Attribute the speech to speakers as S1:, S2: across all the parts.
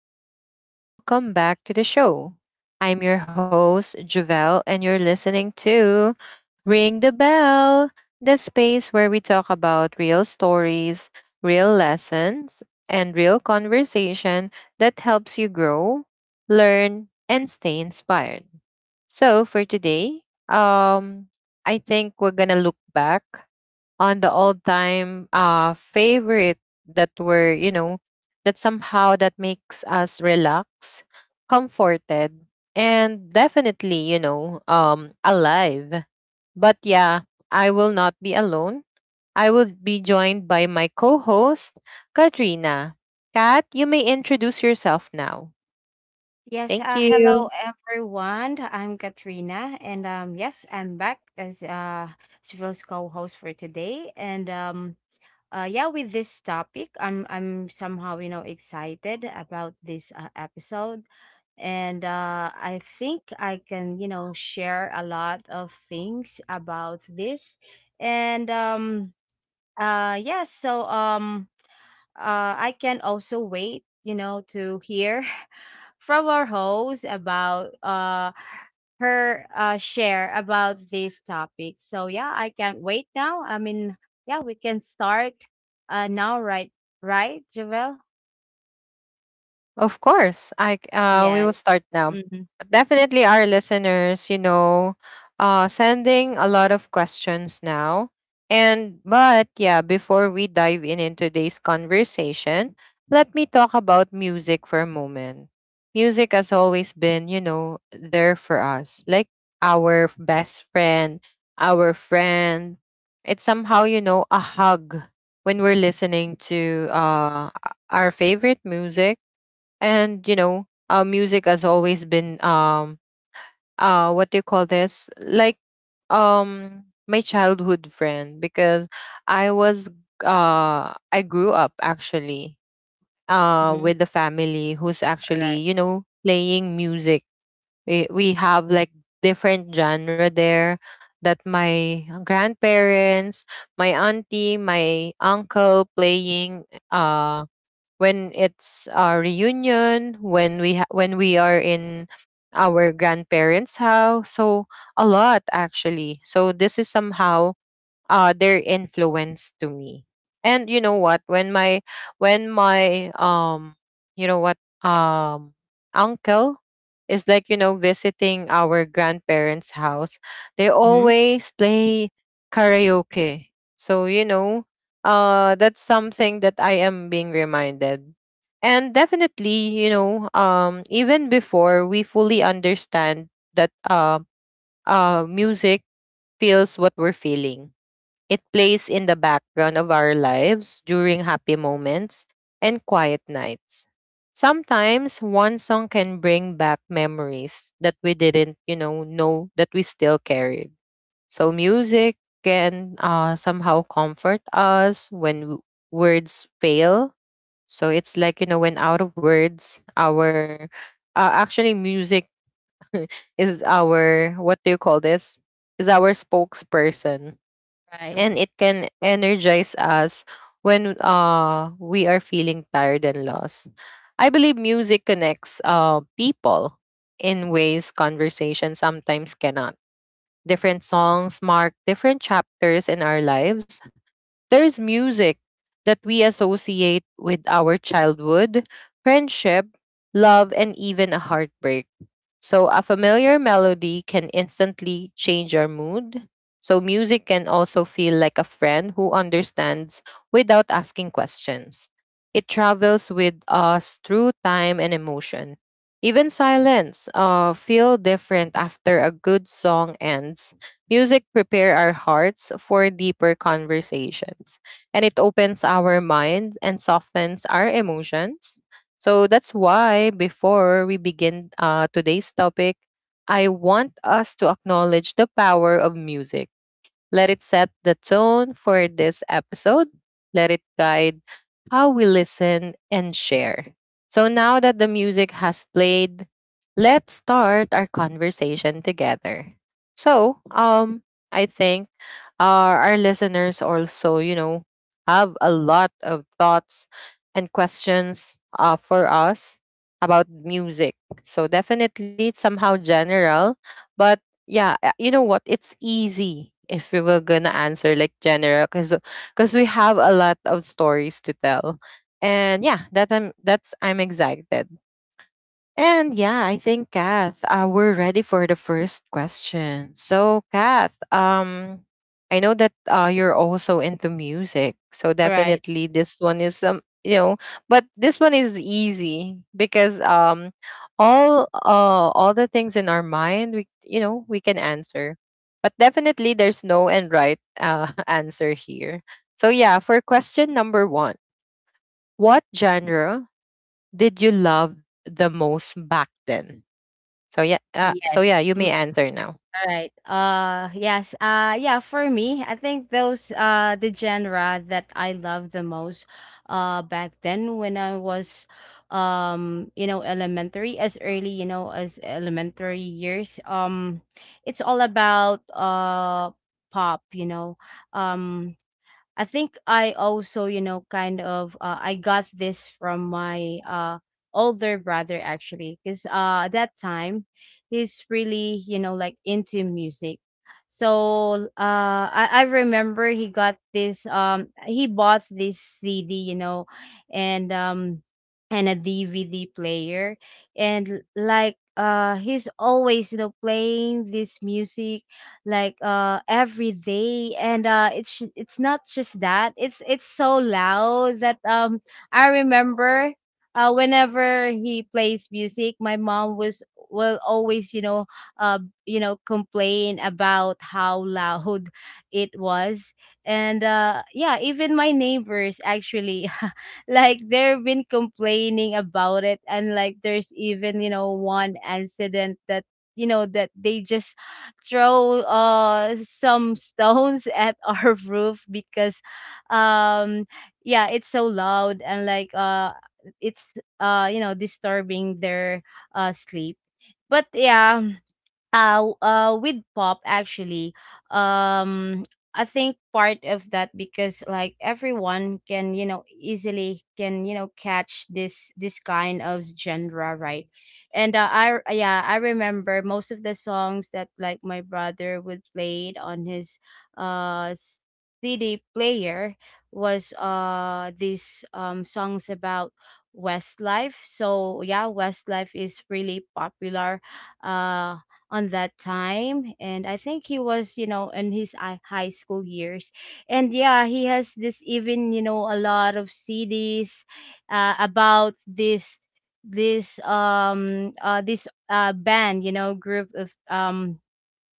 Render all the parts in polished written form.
S1: everyone, welcome back to the show. I'm your host, Javel, and you're listening to Ring the Bell, the space where we talk about real stories, real lessons, and real conversation that helps you grow, learn, and stay inspired. So for today, um, I think we're gonna look back on the all-time favorite that were, that somehow that makes us relax, comforted, and definitely, alive. But yeah, I will not be alone. I will be joined by my co host, Katrina. Kat, you may introduce yourself now.
S2: Yes,
S1: Thank you.
S2: Hello everyone. I'm Katrina, and yes, I'm back as Civil's co-host for today. With this topic, I'm somehow you know excited about this episode, and I think I can you know share a lot of things about this, and yeah, so I can also wait you know to hear from our host about her share about this topic. So yeah, I can't wait now. I mean, yeah, we can start now, right? Right, Javel?
S1: Of course,
S2: Yes.
S1: we will start
S2: Mm-hmm.
S1: now. Definitely, our listeners, sending a lot of questions now. And but yeah, before we dive in today's conversation, let me talk about music for a moment. Music has always been, there for us, like our best friend, our friend. It's somehow, a hug when we're listening to our favorite music, and music has always been what do you call this, like my childhood friend, because i was I grew up actually
S2: Mm-hmm.
S1: with the family who's
S2: All right.
S1: actually playing music. We have like different genre there that my grandparents, my auntie, my uncle playing uh when it's a reunion, when when we are in our grandparents' house. So a lot actually. So this is somehow their influence to me. And you know what? When my you know what um uncle is like visiting our grandparents house, they
S2: Mm-hmm.
S1: always play karaoke. So that's something that I am being reminded. And definitely even before we fully understand that, music feels what we're feeling. It plays in the background of our lives during happy moments and quiet nights. Sometimes one song can bring back memories that we didn't, know that we still carried. So music can somehow comfort us when words fail. So it's like, when out of words, our actually music is our what do you call this? Is our spokesperson,
S2: Right.
S1: and it can energize us when we are feeling tired and lost. I believe music connects people in ways conversation sometimes cannot. Different songs mark different chapters in our lives. There's music that we associate with our childhood, friendship, love, and even a heartbreak. So a familiar melody can instantly change our mood. So music can also feel like a friend who understands without asking questions. It travels with us through time and emotion. Even silence feel different after a good song ends. Music prepare our hearts for deeper conversations, and it opens our minds and softens our emotions. So that's why, before we begin today's topic, I want us to acknowledge the power of music, let it set the tone for this episode. Let it guide how we listen and share. So now that the music has played, let's start our conversation together. So, I think our listeners also, have a lot of thoughts and questions for us about music. So definitely it's somehow general, but yeah, you know what? It's easy if we were gonna answer like general, cause we have a lot of stories to tell. And yeah, that I'm that's I'm excited. And yeah, I think Kath, we're ready for the first question. So Kath, I know that you're also into music, so
S2: All right.
S1: definitely this one is but this one is easy because all the things in our mind, we can answer, but definitely there's no and right answer here. So yeah, for question number one, what genre did you love the most back then? So yeah,
S2: Yes.
S1: you may answer now.
S2: All right. Yes. Yeah, for me, I think those the genre that I love the most back then when I was you know elementary as early, you know, as elementary years. It's all about pop, you know. Um I think I also, you know, kind of I got this from my older brother actually because at that time he's really, you know, like into music. So uh, I remember he got this he bought this CD, you know, and um and a DVD player and like he's always you know playing this music like every day and it's not just that it's so loud that I remember whenever he plays music my mom was will always uh you know complain about how loud it was and yeah even my neighbors actually like they've been complaining about it and like there's even you know one incident that you know that they just throw some stones at our roof because um yeah it's so loud and like it's you know disturbing their sleep but yeah with pop actually um I think part of that because like everyone can you know easily can you know catch this kind of genre right and I yeah I remember most of the songs that like my brother would play it on his uh cd player was these songs about westlife so yeah westlife is really popular uh on that time and I think he was you know in his high school years and yeah he has this even you know a lot of cds about this this this band you know group of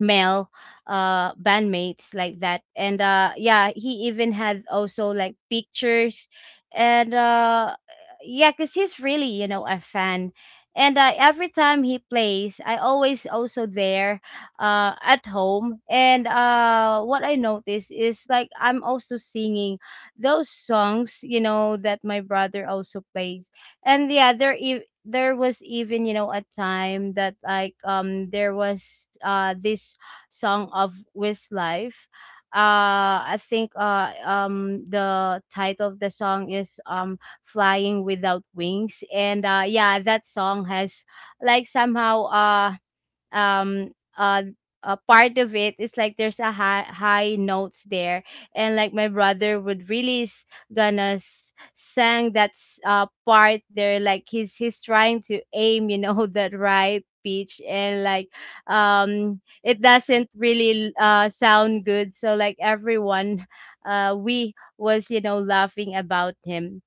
S2: male bandmates like that and yeah he even had also like pictures and yeah because he's really you know a fan and every time he plays I always also there at home and what I notice is like I'm also singing those songs you know that my brother also plays and yeah there was even you know a time that like there was this song of Westlife. I think the title of the song is "Flying Without Wings," and yeah, that song has like somehow um uh a part of it is like there's a high high notes there and like my brother would really s- gonna s- sang that part there like he's trying to aim you know that right pitch and like it doesn't really sound good so like everyone we was you know laughing about him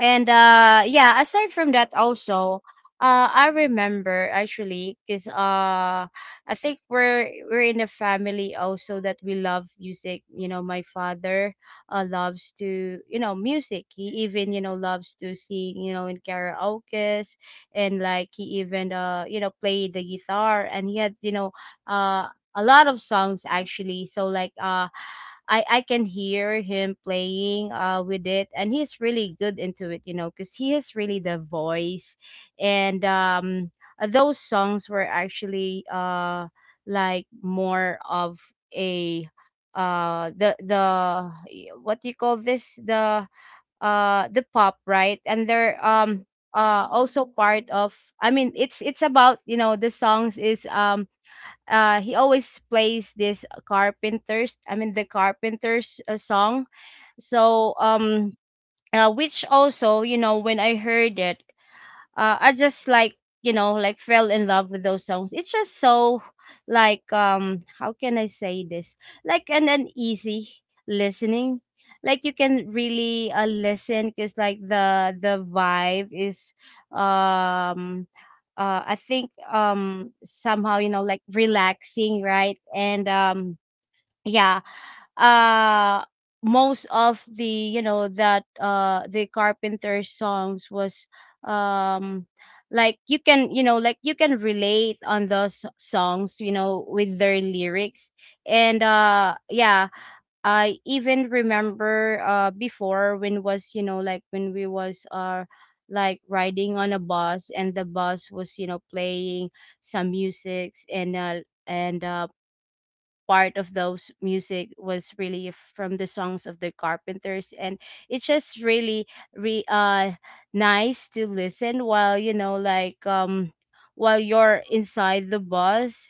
S2: and yeah, aside from that also, I remember actually cuz I think we're in a family also that we love music. You know, my father loves to, you know, music. He even, you know, loves to sing, you know, in karaoke's and like he even you know, played the guitar and he had, you know, uh a lot of songs actually. So like uh, I can hear him playing with it and he's really good into it, you know, cuz he has really the voice and those songs were actually like more of a the what do you call this the pop right and they're also part of I mean it's about you know the songs is he always plays this carpenters I mean the carpenters song so which also you know when I heard it I just like you know like fell in love with those songs. It's just so like how can I say this like an easy listening. Like you can really listen because like the vibe is um I think somehow you know like relaxing right and yeah uh most of the you know that the carpenter songs was um like you can you know like you can relate on those songs you know with their lyrics and yeah I even remember before when was you know like when we was like riding on a bus and the bus was you know playing some musics and and uh part of those music was really from the songs of the carpenters and it's just really re nice to listen while you know like while you're inside the bus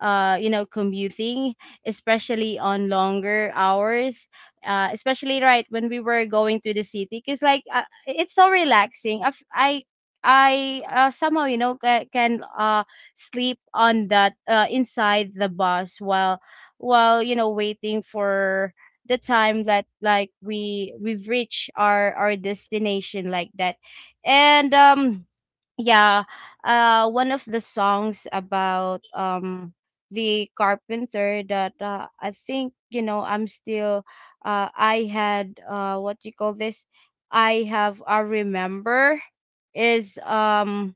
S2: you know commuting especially on longer hours especially right when we were going to the city because like it's so relaxing I somehow you know can sleep on that inside the bus while you know waiting for the time that like we've reached our destination like that and yeah one of the songs about the carpenter that I think you know I'm still I had what do you call this I have I remember is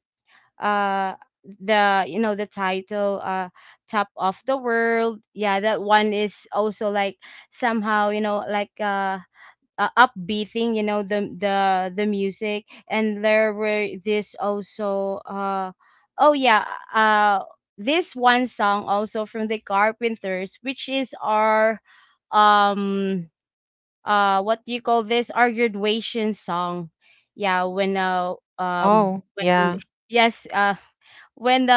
S2: uh the you know the title top of the world yeah that one is also like somehow you know like upbeating you know the music and there were this also oh yeah uh this one song also from the carpenters which is our um what do you call this our graduation song yeah um
S1: Oh,
S2: when
S1: yeah.
S2: yes when the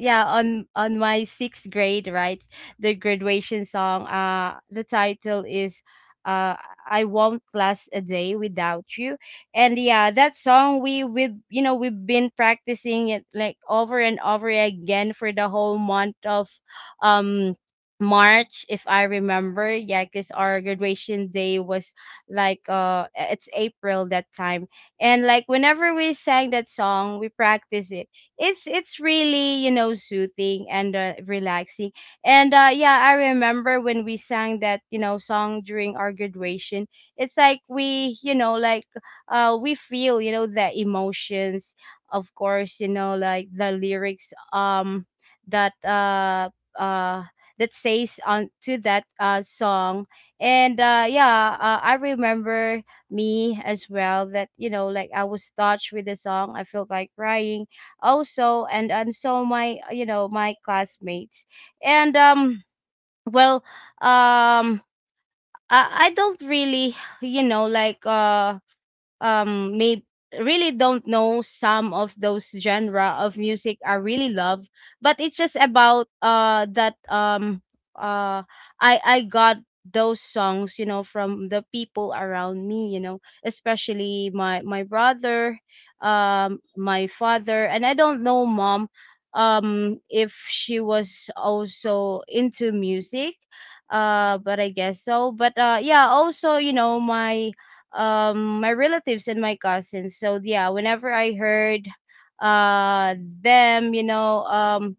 S2: yeah on my sixth grade right the graduation song the title is uh I won't last a day without you and yeah that song we you know we've been practicing it like over and over again for the whole month of um March, if I remember, yeah, because our graduation day was like it's April that time. And like whenever we sang that song, we practice it. It's really, you know, soothing and relaxing. And yeah, I remember when we sang that, you know, song during our graduation, it's like we, you know, like we feel, you know, the emotions, of course, you know, like the lyrics that uh that says on to that song and yeah I remember me as well that you know like I was touched with the song I felt like crying also and so my you know my classmates and well um I don't really you know like may really don't know some of those genre of music I really love, but it's just about that uh I got those songs you know from the people around me you know especially my my brother my father and I don't know mom if she was also into music but I guess so but yeah also you know my my relatives and my cousins so yeah whenever I heard uh them you know um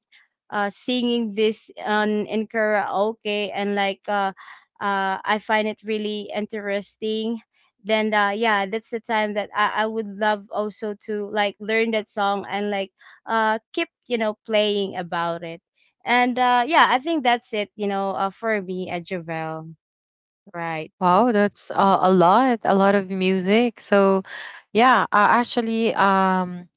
S2: uh singing this on in karaoke and like I find it really interesting then yeah that's the time that I would love also to like learn that song and like keep you know playing about it and yeah I think that's it you know for me at javel right
S1: Wow, that's a lot of music. So, yeah, actually,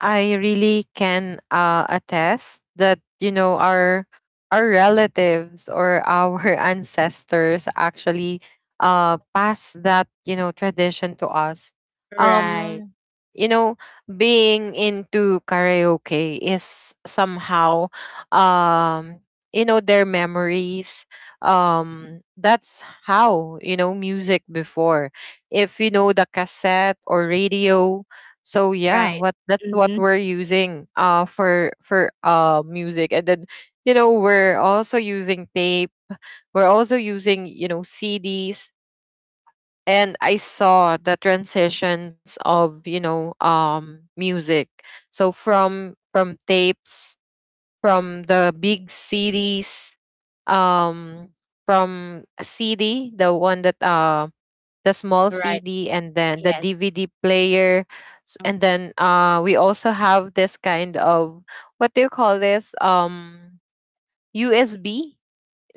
S1: I really can attest that our relatives or our ancestors actually pass that tradition to us.
S2: right
S1: Um you know Being into karaoke is somehow um their memories. That's how music before, if you know the cassette or radio. So yeah,
S2: right.
S1: what that's what
S2: Mm-hmm.
S1: we're using for music. And then, we're also using tape. We're also using, CDs. And I saw the transitions of, music. So from tapes, from the big CDs, um from CD, the one that the small
S2: Right.
S1: CD, and then the
S2: Yes.
S1: DVD player. And
S2: Mhm.
S1: then we also have this kind of what do you call this? USB.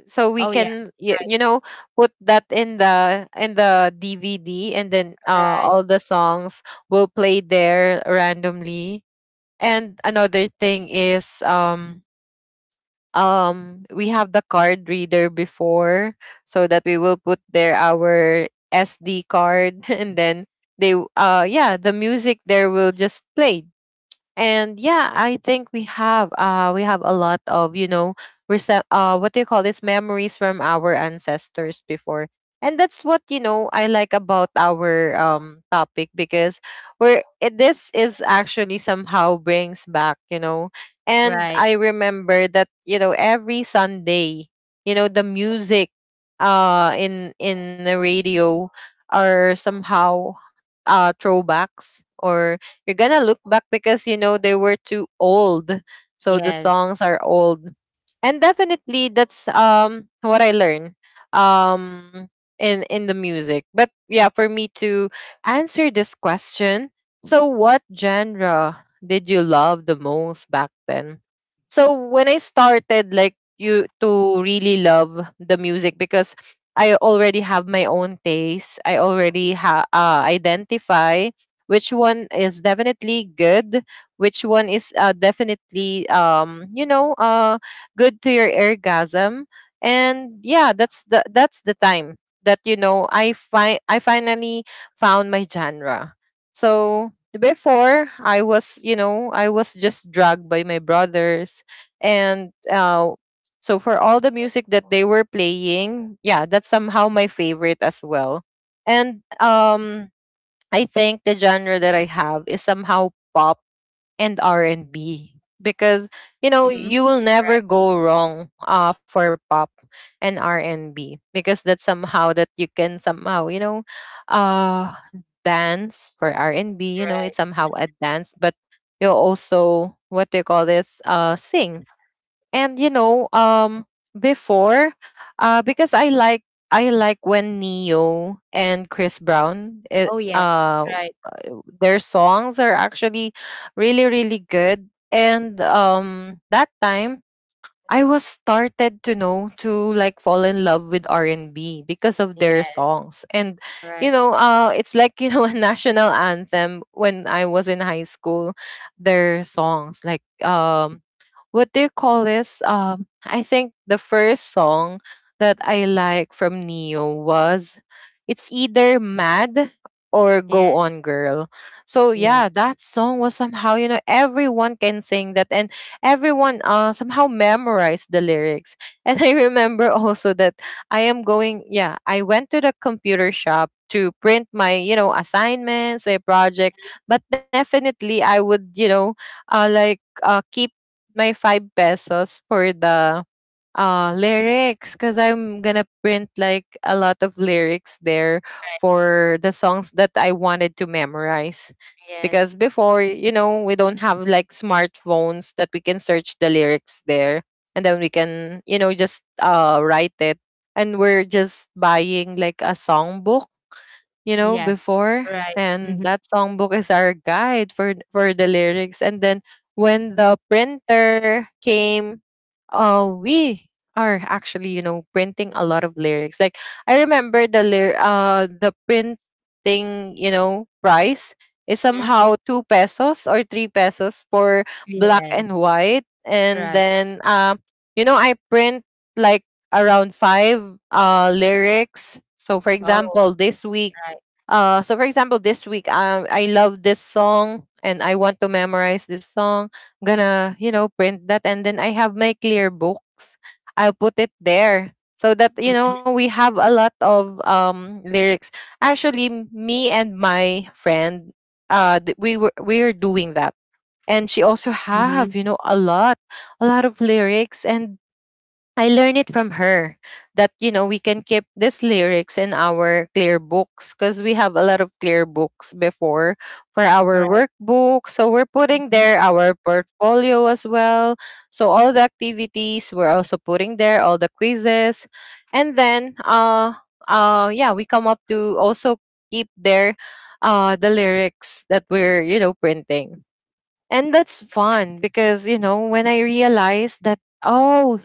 S1: So we
S2: Oh, yeah.
S1: can
S2: Right.
S1: put that in the DVD, and then
S2: Right.
S1: all the songs will play there randomly. And another thing is we have the card reader before so that we will put there our SD card and then yeah, the music there will just play. And yeah, I think we have a lot of what do you call this, memories from our ancestors before. And that's what I like about our topic, because this is actually somehow brings back. And
S2: Right.
S1: I remember that, every Sunday, the music in the radio are somehow throwbacks, or you're gonna look back because they were too old. So the
S2: Yes.
S1: songs are old. And definitely that's what I learned um in the music. But yeah, for me to answer this question, so what genre did you love the most back then? So when I started like you to really love the music, because I already have my own taste. I already identify which one is definitely good, which one is definitely good to your orgasm. And yeah, that's the time that I finally found my genre. So before I was just dragged by my brothers. And so for all the music that they were playing, yeah, that's somehow my favorite as well. And I think the genre that I have is somehow pop and R&B. Because
S2: Hmm.
S1: you will never
S2: Right.
S1: go wrong for pop and R&B, because that's somehow that you can somehow uh dance for R&B. It's
S2: Right.
S1: somehow a dance, but you also what they call this sing. And you know before because I like when Neo and Chris Brown
S2: Oh, yes. Right.
S1: their songs are actually really, really good. And that time I was started to know to like fall in love with R&B because of their
S2: Yes.
S1: songs. And
S2: Right.
S1: it's like, a national anthem when I was in high school, their songs like what do you call this? I think the first song that I like from Neo was it's either Mad or Go On
S2: Yes.
S1: Girl. So yeah,
S2: Yeah.
S1: that song was somehow, everyone can sing that, and everyone somehow memorized the lyrics. And I remember also that yeah, I went to the computer shop to print my, assignments, my project. But definitely I would, keep my 5 pesos for the lyrics, because I'm gonna print like a lot of lyrics there
S2: Right.
S1: for the songs that I wanted to memorize. Because
S2: Yes.
S1: before, we don't have like smartphones that we can search the lyrics there, and then we can, just write it. And we're just buying like a songbook,
S2: Yes.
S1: before.
S2: Right.
S1: And
S2: Mm-hmm.
S1: that songbook is our guide for the lyrics. And then, when the printer came, we are actually, printing a lot of lyrics. Like, I remember the the printing, price is
S2: Mm-hmm.
S1: somehow 2 pesos or 3 pesos for black and
S2: Yes.
S1: white. And
S2: Right.
S1: then I print like around five lyrics. So for
S2: Oh,
S1: example, this week
S2: right.
S1: so for example, this week, I love this song and I want to memorize this song. I'm gonna, print that, and then I have my clear books. I'll put it there so that
S2: Mm-hmm.
S1: we have a lot of lyrics. Actually, me and my friend, we are doing that, and she also have a lot of lyrics and. I learned it from her that we can keep these lyrics in our clear books, because we have a lot of clear books before for our
S2: Right.
S1: workbook. So we're putting
S2: Mm-hmm.
S1: there our portfolio as well. So all the activities we're also putting there, all the quizzes, and then yeah we come up to also keep there the lyrics that we're, you know, printing. And that's fun
S2: Right.
S1: because, you know, when I realized that, oh,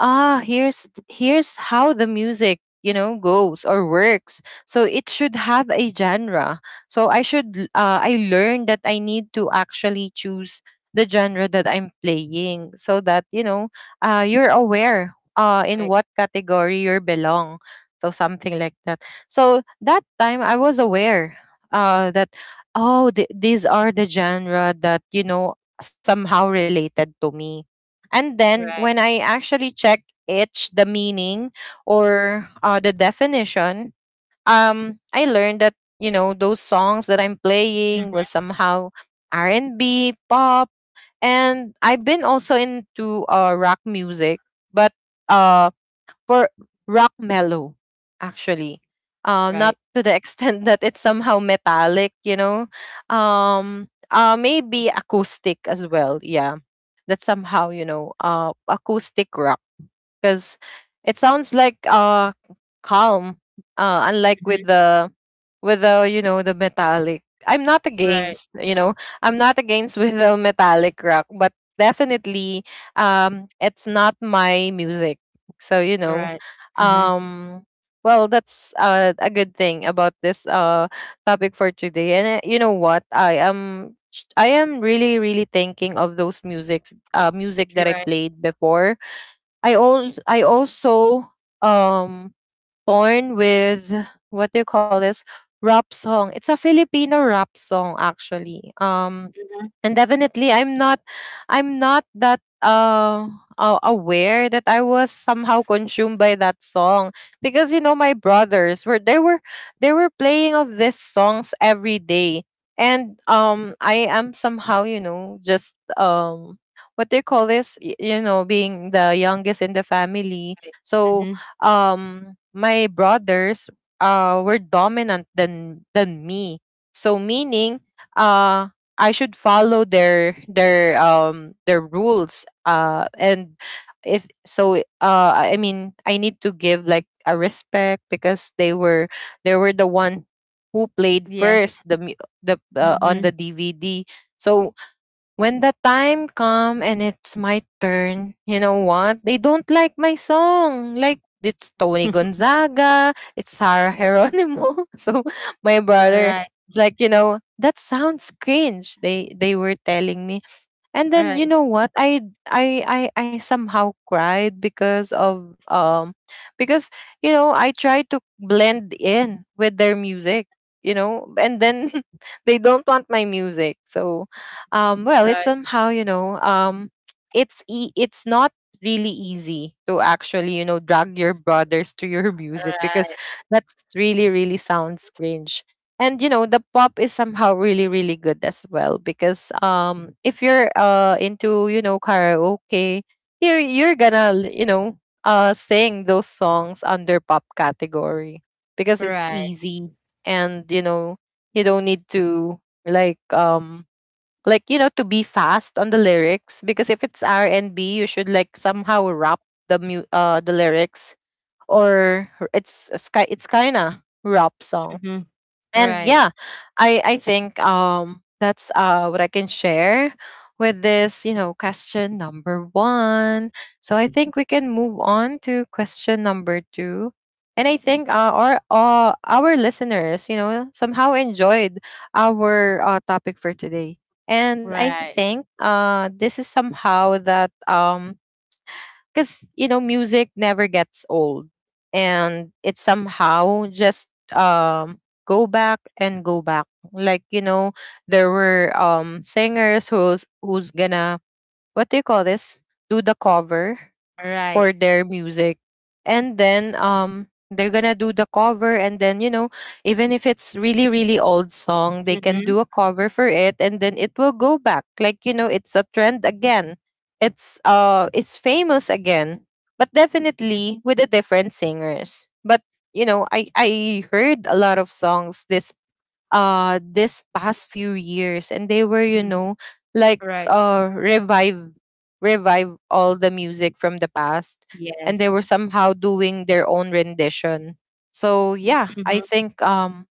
S1: ah, here's how the music, you know, goes or works. So it should have a genre. So I learned that I need to actually choose the genre that I'm playing so that, you know, you're aware in
S2: Right.
S1: what category you belong. So something like that. So that time I was aware that, oh, these are the genre that, you know, somehow related to me. And then
S2: Right.
S1: when I actually check each the meaning or the definition, I learned that, you know, those songs that I'm playing was
S2: Mm-hmm.
S1: somehow R&B pop. And I've been also into rock music, but uh for rock mellow, actually. Not
S2: Right.
S1: to the extent that it's somehow metallic, you know. Maybe acoustic as well. Yeah, that's somehow, you know, acoustic rock because it sounds like calm, unlike with
S2: Mm-hmm.
S1: the, you know, the metallic. I'm not
S2: Right.
S1: against, you know, I'm not against with the metallic rock, but definitely, it's not my music. So, you know,
S2: Right. Mm-hmm.
S1: um well, that's a good thing about this topic for today. And you know what, I am really, really thinking of those music that I
S2: Right.
S1: played before. I also, um born with, what do you call this, rap song. It's a Filipino rap song actually.
S2: Mm-hmm.
S1: And definitely I'm not, I'm not that aware that I was somehow consumed by that song because, you know, my brothers were, they were playing of these songs every day. And I am somehow, you know, just, what they call this, you know, being the youngest in the family.
S2: Right.
S1: So
S2: Mm-hmm.
S1: my brothers were dominant than me, so meaning uh I should follow their their rules. And if so, I mean, I need to give like a respect because they were, they were the one who played
S2: Yes.
S1: first the mu- the
S2: Mm-hmm.
S1: on the DVD. So when the time come and it's my turn, you know what? They don't like my song. Like it's Tony Gonzaga, it's Sarah Geronimo. So my
S2: All
S1: brother
S2: right.
S1: is like, you know, that sounds cringe. They were telling me. And
S2: All
S1: then you
S2: right.
S1: know what? I I somehow cried because of because, you know, I tried to blend in with their music, you know, and then they don't want my music. So well, it's
S2: Right.
S1: somehow, you know, it's not really easy to actually, you know, drag your brothers to your music because
S2: Right,
S1: that's really really sounds cringe. And you know, the pop is somehow really really good as well because if you're into, you know, karaoke, you're gonna you know, sing those songs under pop category because it's
S2: right,
S1: easy. And you know, you don't need to, like, like, you know, to be fast on the lyrics because if it's R&B you should like somehow rap the lyrics, or it's, it's kind of rap song.
S2: mhm,
S1: And
S2: right,
S1: yeah, I think that's what I can share with this, you know, question number one. So I think we can move on to question number two. And I think our listeners, you know, somehow enjoyed our topic for today. And I
S2: right,
S1: think this is somehow that, because you know, music never gets old. And it somehow just go back and go back, like, you know, there were singers who's gonna, what do you call this, do the cover
S2: right,
S1: for their music. And then they're gonna do the cover, and then, you know, even if it's really really old song, they can
S2: mhm,
S1: do a cover for it, and then it will go back, like, you know, it's a trend again. It's it's famous again, but definitely with the different singers. But you know, I heard a lot of songs this, this past few years, and they were, you
S2: mhm,
S1: know, like,
S2: right,
S1: revive, revive all the music from the past. And they
S2: yes,
S1: were somehow doing their own rendition. So yeah, I
S2: mhm,
S1: think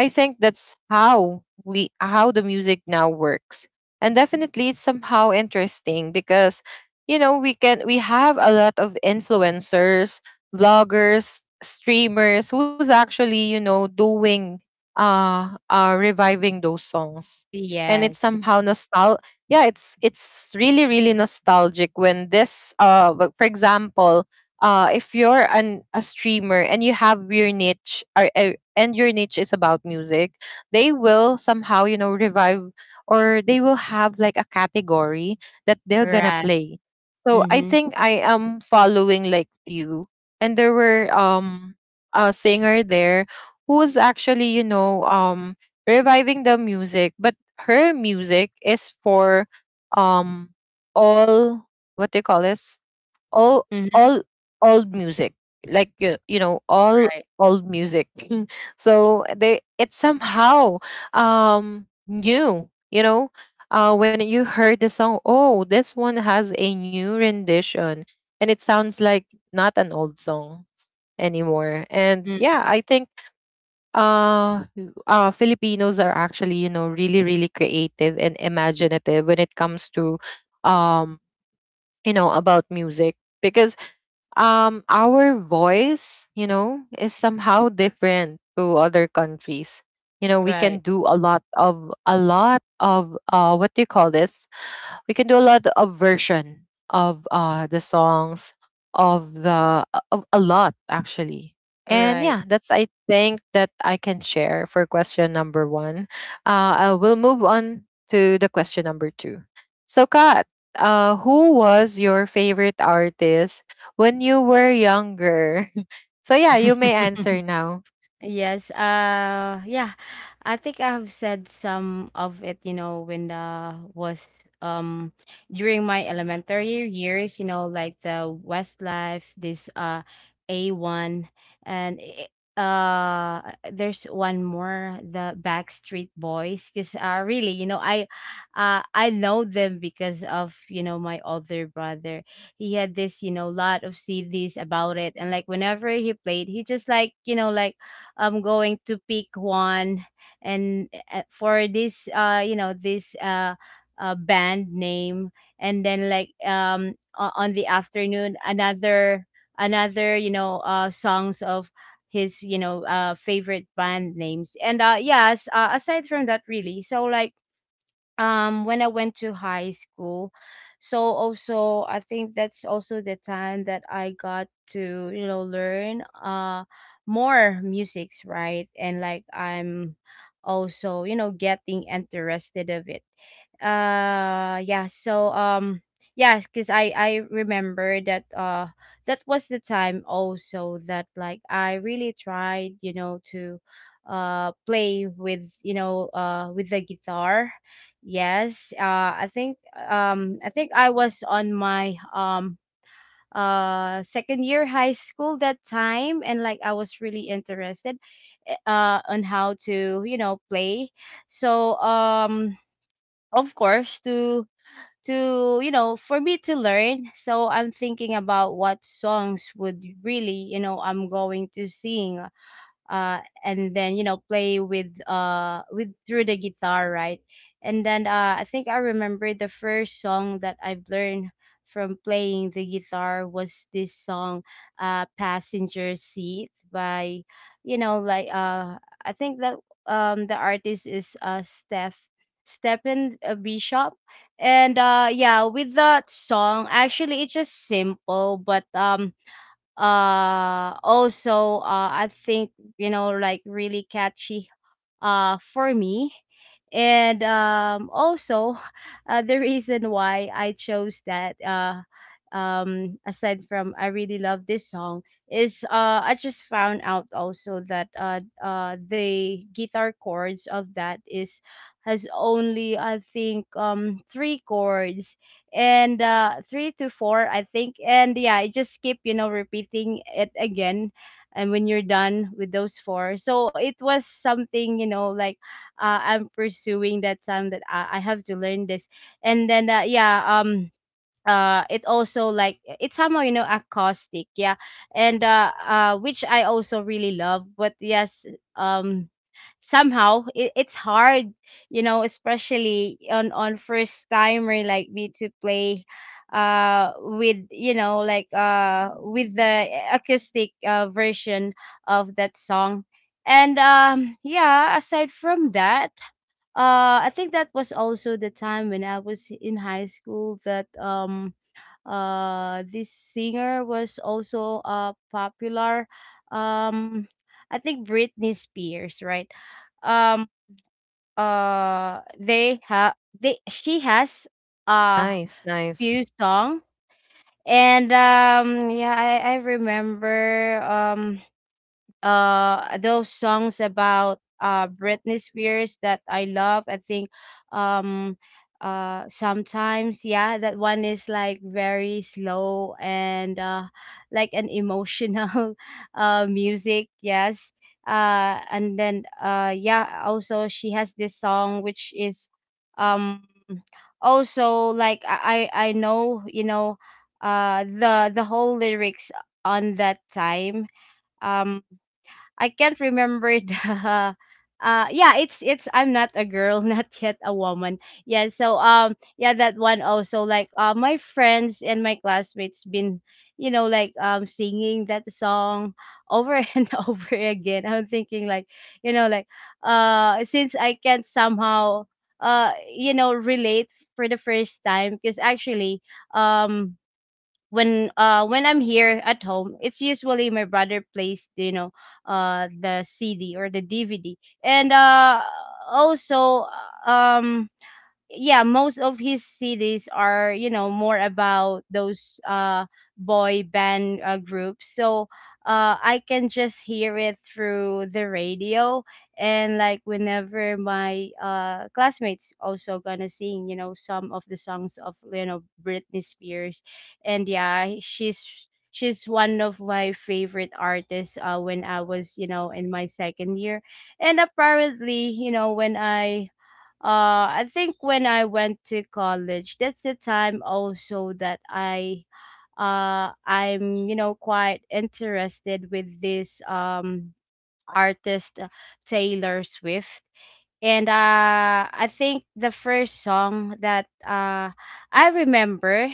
S1: I think that's how we, how the music now works. And definitely it's somehow interesting because you know, we have a lot of influencers, vloggers, streamers who's actually, you know, doing reviving those songs. And it's
S2: yes,
S1: somehow nostal yeah, it's really, really nostalgic when this for example, if you're an a streamer and you have your niche or, and your niche is about music, they will somehow, you know, revive, or they will have like a category that they're gonna
S2: right,
S1: play. So I
S2: mhm,
S1: think I am following like few. And there were a singer there who was actually, you know, reviving the music, but her music is for, um all, what they call this, all
S2: mhm,
S1: all old music, like, you know, all
S2: right,
S1: old music. So they, it's somehow new, you know, when you heard the song, oh, this one has a new rendition, and it sounds like not an old song anymore. And
S2: mm,
S1: yeah, I think uh Filipinos are actually, you know, really really creative and imaginative when it comes to, um you know, about music. Because our voice, you know, is somehow different to other countries. You know, we can
S2: right,
S1: do a lot of, what do you call this, we can do a lot of version of the songs of the, of a lot, actually. And
S2: right.
S1: yeah, that's, I think, that I can share for question number one. I will move on to the question number two. So Kat, who was your favorite artist when you were younger? So yeah, you may answer now.
S2: Yes. Yeah. I think I've said some of it, you know, when was um during my elementary years, you know, like the Westlife, this A1 and there's one more the Backstreet Boys cuz really, you know, I know them because of, you know, my older brother. He had this, you know, lot of CDs about it, and like whenever he played, he just like, you know, like I'm going to pick one and for this you know this band name and then on the afternoon another songs of his favorite band names. And yes Aside from that, really. So when I went to high school. So also I think that's also the time that I got to, you know, learn more musics, right? And like I'm also, you know, getting interested of it. Yeah, so yes, cuz I remember that that was the time also that like I really tried, you know, to play with, you know, with the guitar. Yes, uh, I think I think I was on my second year high school that time, and like I was really interested on how to, you know, play. So um, of course, to, you know, for me to learn. So I'm thinking about what songs would really, you know, I'm going to sing and then, you know, play with through the guitar, right? And then I think I remember the first song that I've learned from playing the guitar was this song, Passenger Seat, by you know like I think that the artist is Stephen Bishop. And yeah, with that song, actually, it's just simple, but also I think, you know, like really catchy for me. And also the reason why I chose that, aside from I really love this song, is I just found out also that the guitar chords of that is has only, I think, three chords. And three to four, I think. And yeah, I just keep, you know, repeating it again. And when you're done with those four, so it was something, you know, like I'm pursuing that time that I have to learn this. And then it also, like it's somehow, you know, acoustic, yeah, and which I also really love. But yes, um somehow it's hard, you know, especially on first timer like me to play with, you know, like with the acoustic version of that song. And yeah, aside from that, I think that was also the time when I was in high school that this singer was also popular. Um, I think Britney Spears, right? Um, uh, they have they she has a
S1: Nice,
S2: few
S1: nice.
S2: song. And yeah, I remember those songs about Britney Spears that I love. I think um sometimes, yeah, that one is like very slow and like an emotional music. Yes. Uh and then uh yeah, also she has this song which is um also like I know, you know, the whole lyrics on that time. um I can't remember the yeah, it's I'm Not a Girl, Not Yet a Woman. Yeah, so yeah, that one also, like my friends and my classmates been, you know, like singing that song over and over again. I'm thinking like, you know, like since I can't somehow you know, relate for the first time because actually um when I'm here at home, it's usually my brother plays, you know, the CD or the DVD. And also uh, um yeah, most of his CDs are, you know, more about those boy band groups. So I can just hear it through the radio. And like whenever my classmates also gonna sing, you know, some of the songs of, you know, Britney Spears. And yeah, she's one of my favorite artists when I was, you know, in my second year. And apparently, you know, when I think when I went to college, that's the time also that I'm, you know, quite interested with this artist, Taylor Swift. And I think the first song that I remember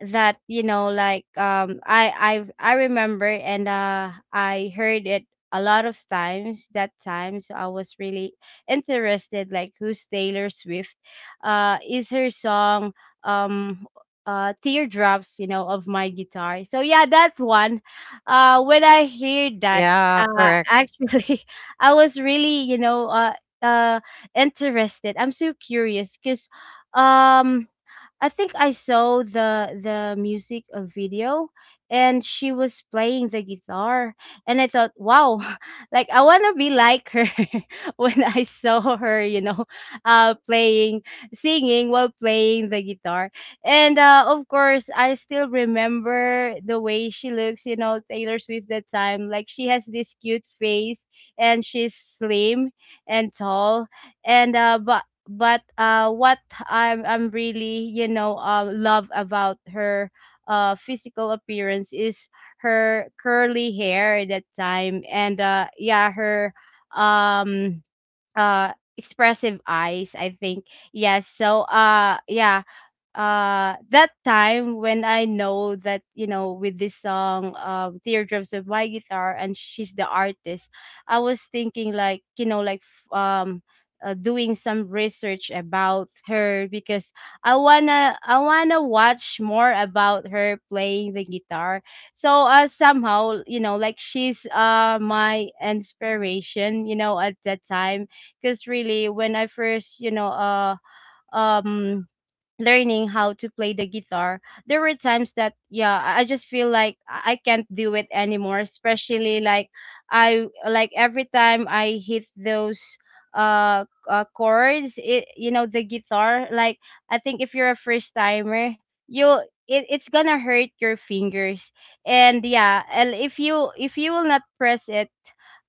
S2: that, you know, like I remember, and I heard it a lot of times that time, so I was really interested like who's Taylor Swift. Is her song, um Teardrops, you know, of My Guitar. So yeah, that one, when I hear that,
S1: Yeah, correct.
S2: actually, I was really, you know, uh interested, I'm so curious because um I think I saw the music video, and she was playing the guitar. And I thought, wow, like I want to be like her when I saw her, you know, playing, singing while playing the guitar. And of course, I still remember the way she looks, you know, Taylor Swift, that time. Like she has this cute face, and she's slim and tall. And uh but but uh what I'm really, you know, love about her physical appearance is her curly hair at that time. And yeah, her um uh expressive eyes, I think. Yes. So yeah, that time when I know that, you know, with this song, Teardrops of My Guitar, and she's the artist, I was thinking like, you know, like doing some research about her, because I wanna watch more about her playing the guitar. So somehow, you know, like she's my inspiration, you know, at that time. Because really, when I first, you know, um learning how to play the guitar, there were times that, yeah, I just feel like I can't do it anymore, especially like I like every time I hit those uh, chords, it, you know, the guitar, like I think if you're a first timer, you'll it's gonna hurt your fingers. And yeah, and if you will not press it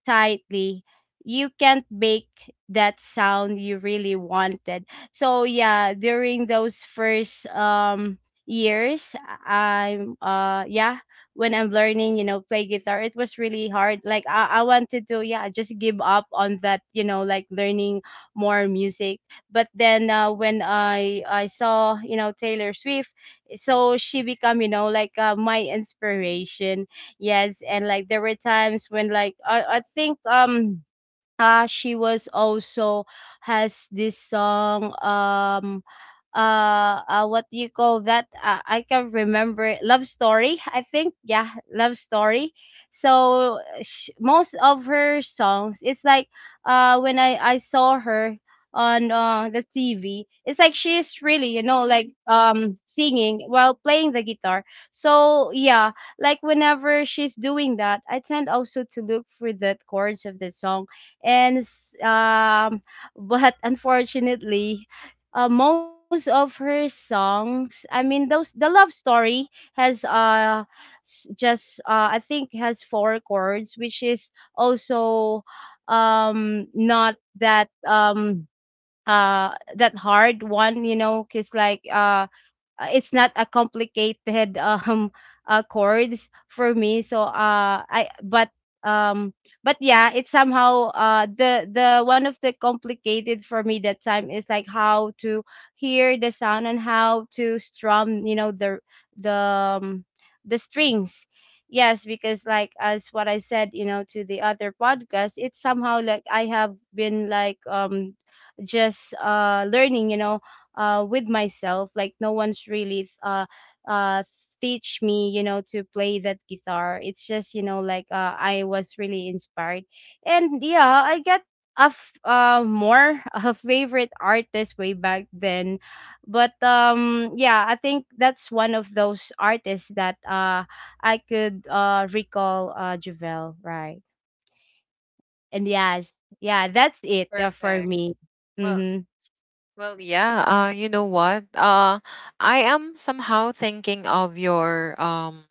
S2: tightly, you can't make that sound you really wanted. So yeah, during those first years, I'm yeah, when I'm learning, you know, play guitar, it was really hard, like I wanted to, yeah, just give up on that, you know, like learning more music. But then when I saw, you know, Taylor Swift, so she become, you know, like my inspiration. Yes. And like there were times when like I think she was also has this song, what do you call that, I can remember it. Love Story, I think. Yeah, Love Story. Most of her songs, it's like when I saw her on the TV, it's like she's really, you know, like singing while playing the guitar. So yeah, like whenever she's doing that, I tend also to look for the chords of the song. and s- um but unfortunately, most of her songs, I mean those the Love Story, has s- just I think has four chords, which is also not that that hard one, you know, because like it's not a complicated chords for me. So I But um but yeah, it's somehow the one of the complicated for me that time is like how to hear the sound and how to strum, you know, the um, the strings. Yes, because like, as what I said, you know, to the other podcast, it's somehow like I have been like just learning, you know, with myself, like no one's really uh teach me, you know, to play that guitar. It's just, you know, like I was really inspired. And yeah, I get more a favorite artist way back then. But yeah, I think that's one of those artists that I could recall, Javel, right? And yes, yeah, that's it, for
S1: Perfect.
S2: me.
S1: Well,
S2: Mm-hmm.
S1: well, yeah. You know what? I am somehow thinking of your um,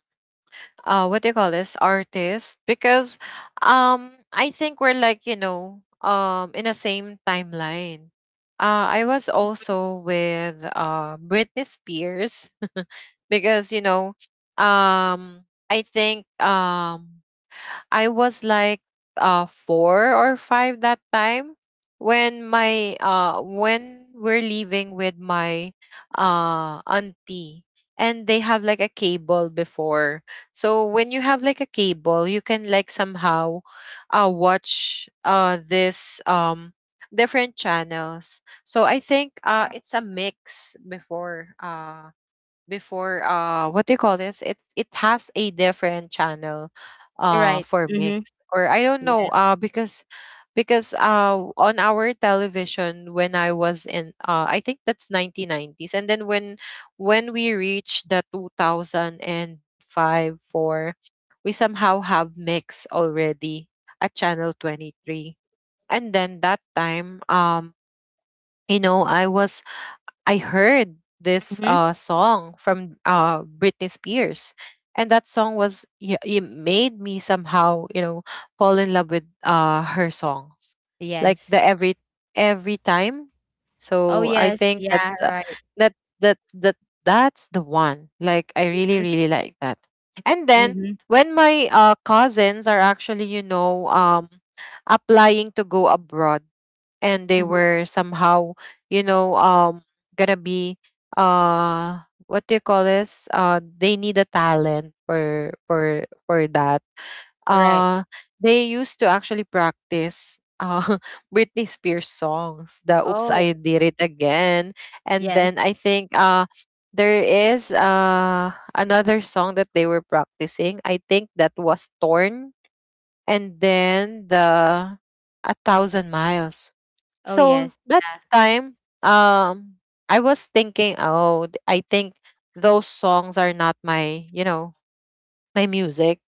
S1: uh, what do you call this, artist? Because, I think we're, like, you know, in the same timeline. I was also with Britney Spears because you know, I think I was like 4 or 5 that time when my, when we're leaving with my auntie, and they have like a cable before. So when you have like a cable, you can like somehow watch this different channels. So I think it's a mix before, what do you call this, it has a different channel
S2: Right.
S1: for
S2: Mm-hmm.
S1: mix, or I don't know,
S2: Yeah.
S1: because on our television, when I was in, I think that's 1990s, and then when we reached the 2005, 4, we somehow have mix already at channel 23. And then that time, you know, I heard this
S2: Mhm.
S1: song from Britney Spears, and that song was it made me somehow, you know, fall in love with her songs, like
S2: Yes.
S1: the every time.
S2: Oh,
S1: So I
S2: yes.
S1: think that's
S2: Yeah, right.
S1: that that's that that's the one. Like I really
S2: Mhm,
S1: really like that. And then
S2: mhm,
S1: when my cousins are actually, you know, applying to go abroad, and they
S2: mhm.
S1: were somehow, you know, gonna be uh what do you call this, they need a talent for, that.
S2: Right.
S1: uh they used to actually practice Britney Spears songs, the "Oops
S2: Oh,
S1: I Did It Again." And
S2: yes.
S1: then I think there is another song that they were practicing. I think that was "Torn." And then the "A Thousand Miles."
S2: Oh, yes.
S1: So that
S2: Yeah.
S1: time, um, I was thinking, oh, I think those songs are not my, you know, my music.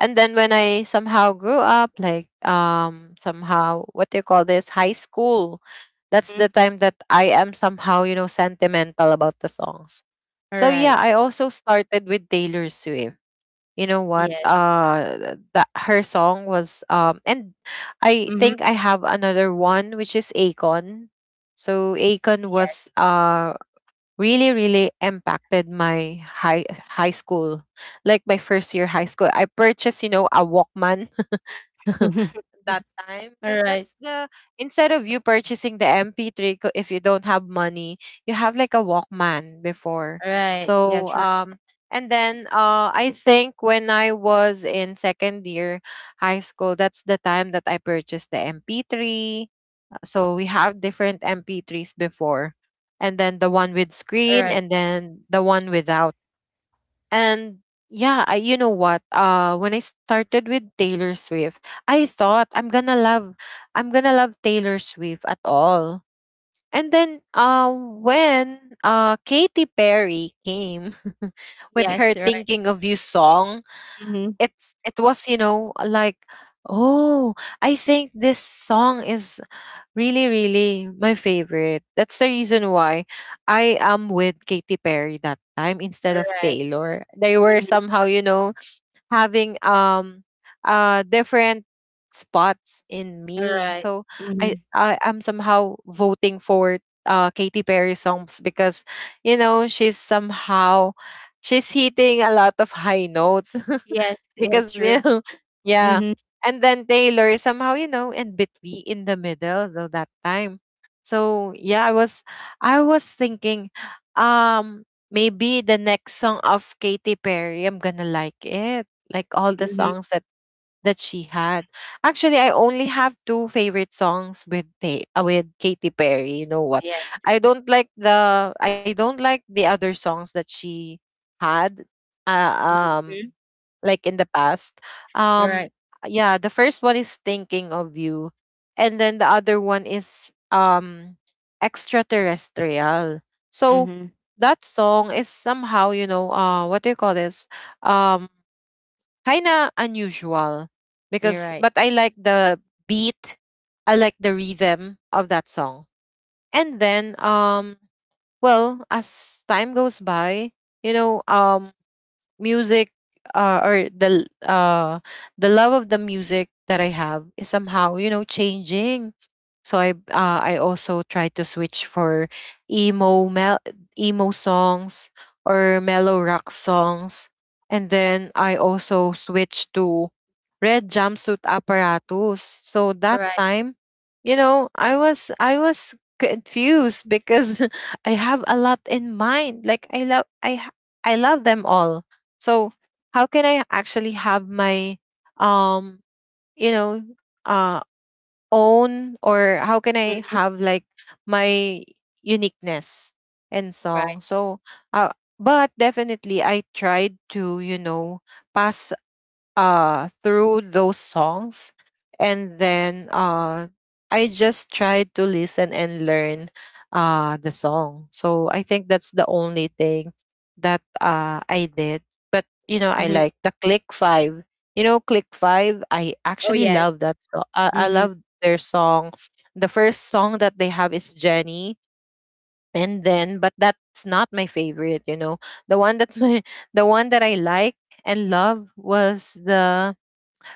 S1: And then when I somehow grew up, like, somehow, what do you call this, high school, that's the
S2: Mhm.
S1: time that I am somehow, you know, sentimental about the songs.
S2: All
S1: So yeah,
S2: right.
S1: I also started with Taylor Swift, you know what,
S2: Yes.
S1: that her song was, and I
S2: Mhm.
S1: think I have another one, which is Akon. So Akon
S2: Yes.
S1: was really really impacted my high, high school. Like my first year high school, I purchased, you know, a Walkman that time
S2: All
S1: because
S2: right.
S1: that's the, instead of you purchasing the MP3, if you don't have money, you have like a Walkman before.
S2: All right. Yeah,
S1: So
S2: true.
S1: and then I think when I was in second year high school, that's the time that I purchased the MP3. So we have different MP3s before. And then the one with
S2: All
S1: screen
S2: right.
S1: and then the one without. And yeah, I, you know what? When I started with Taylor Swift, I thought I'm gonna love Taylor Swift at all. And then, when Katy Perry came with
S2: Yes.
S1: her
S2: All right.
S1: "Thinking of You" song,
S2: Mhm.
S1: it was, you know, like, oh, I think this song is really, really my favorite. That's the reason why I am with Katy Perry that time
S2: All
S1: instead of
S2: right.
S1: Taylor. They were
S2: Mhm.
S1: somehow, you know, having different spots in
S2: All
S1: me.
S2: right.
S1: So I,
S2: Mhm.
S1: I I'm somehow voting for Katy Perry songs because, you know, she's somehow, she's hitting a lot of high notes
S2: Yes. Yeah,
S1: because, you
S2: true.
S1: know, yeah.
S2: Mhm.
S1: And then Taylor is somehow, you know, in between, in the middle though, that time. So yeah, I was thinking, um maybe the next song of Katy Perry, I'm gonna like it, like all the
S2: Mhm.
S1: songs that she had. Actually, I only have two favorite songs with with Katy Perry. You know what?
S2: Yes.
S1: I don't like the other songs that she had. Uh, um,
S2: Mhm.
S1: like in the past.
S2: All
S1: Um,
S2: right.
S1: yeah, the first one is Thinking of You, and then the other one is Extraterrestrial. So
S2: Mhm.
S1: that song is somehow, you know, uh, what do you call this? Um Kind of unusual,
S2: You're
S1: because,
S2: right.
S1: but I like the beat, I like the rhythm of that song. And then, well, as time goes by, you know, music, or the love of the music that I have is somehow, you know, changing. So I also try to switch for emo mel- emo songs or mellow rock songs, and then I also switch to Red Jumpsuit Apparatus. So
S2: All
S1: that
S2: right.
S1: time, you know, I was confused because I have a lot in mind. Like I love them all. So how can I actually have my um you know, own, or how can I
S2: Mhm.
S1: have like my uniqueness and
S2: Right.
S1: song? So, uh, but definitely I tried to, you know, pass through those songs, and then I just tried to listen and learn the song. So I think that's the only thing that I did. But you know, I
S2: Mhm.
S1: like the Click 5. You know, Click 5, I
S2: Oh,
S1: actually
S2: yes.
S1: love that song. I
S2: Mhm.
S1: love their song. The first song that they have is Jenny, and then, but that's not my favorite, you know. The one that my The one that I like and love was the,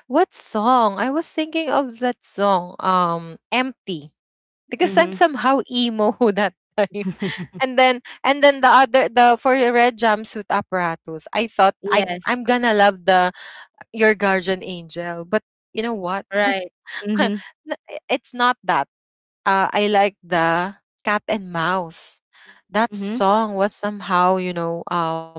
S1: what song? I was thinking of that song, Empty, because I'm
S2: Mhm.
S1: somehow emo that time. And then and then the other the for the Red Jumpsuit Apparatus, I thought
S2: Yes.
S1: I'm gonna love the Your Guardian Angel, but you know what?
S2: Right.
S1: N-
S2: Mhm.
S1: it's not that. I like the Cat and Mouse. That
S2: Mhm.
S1: song was somehow, you know,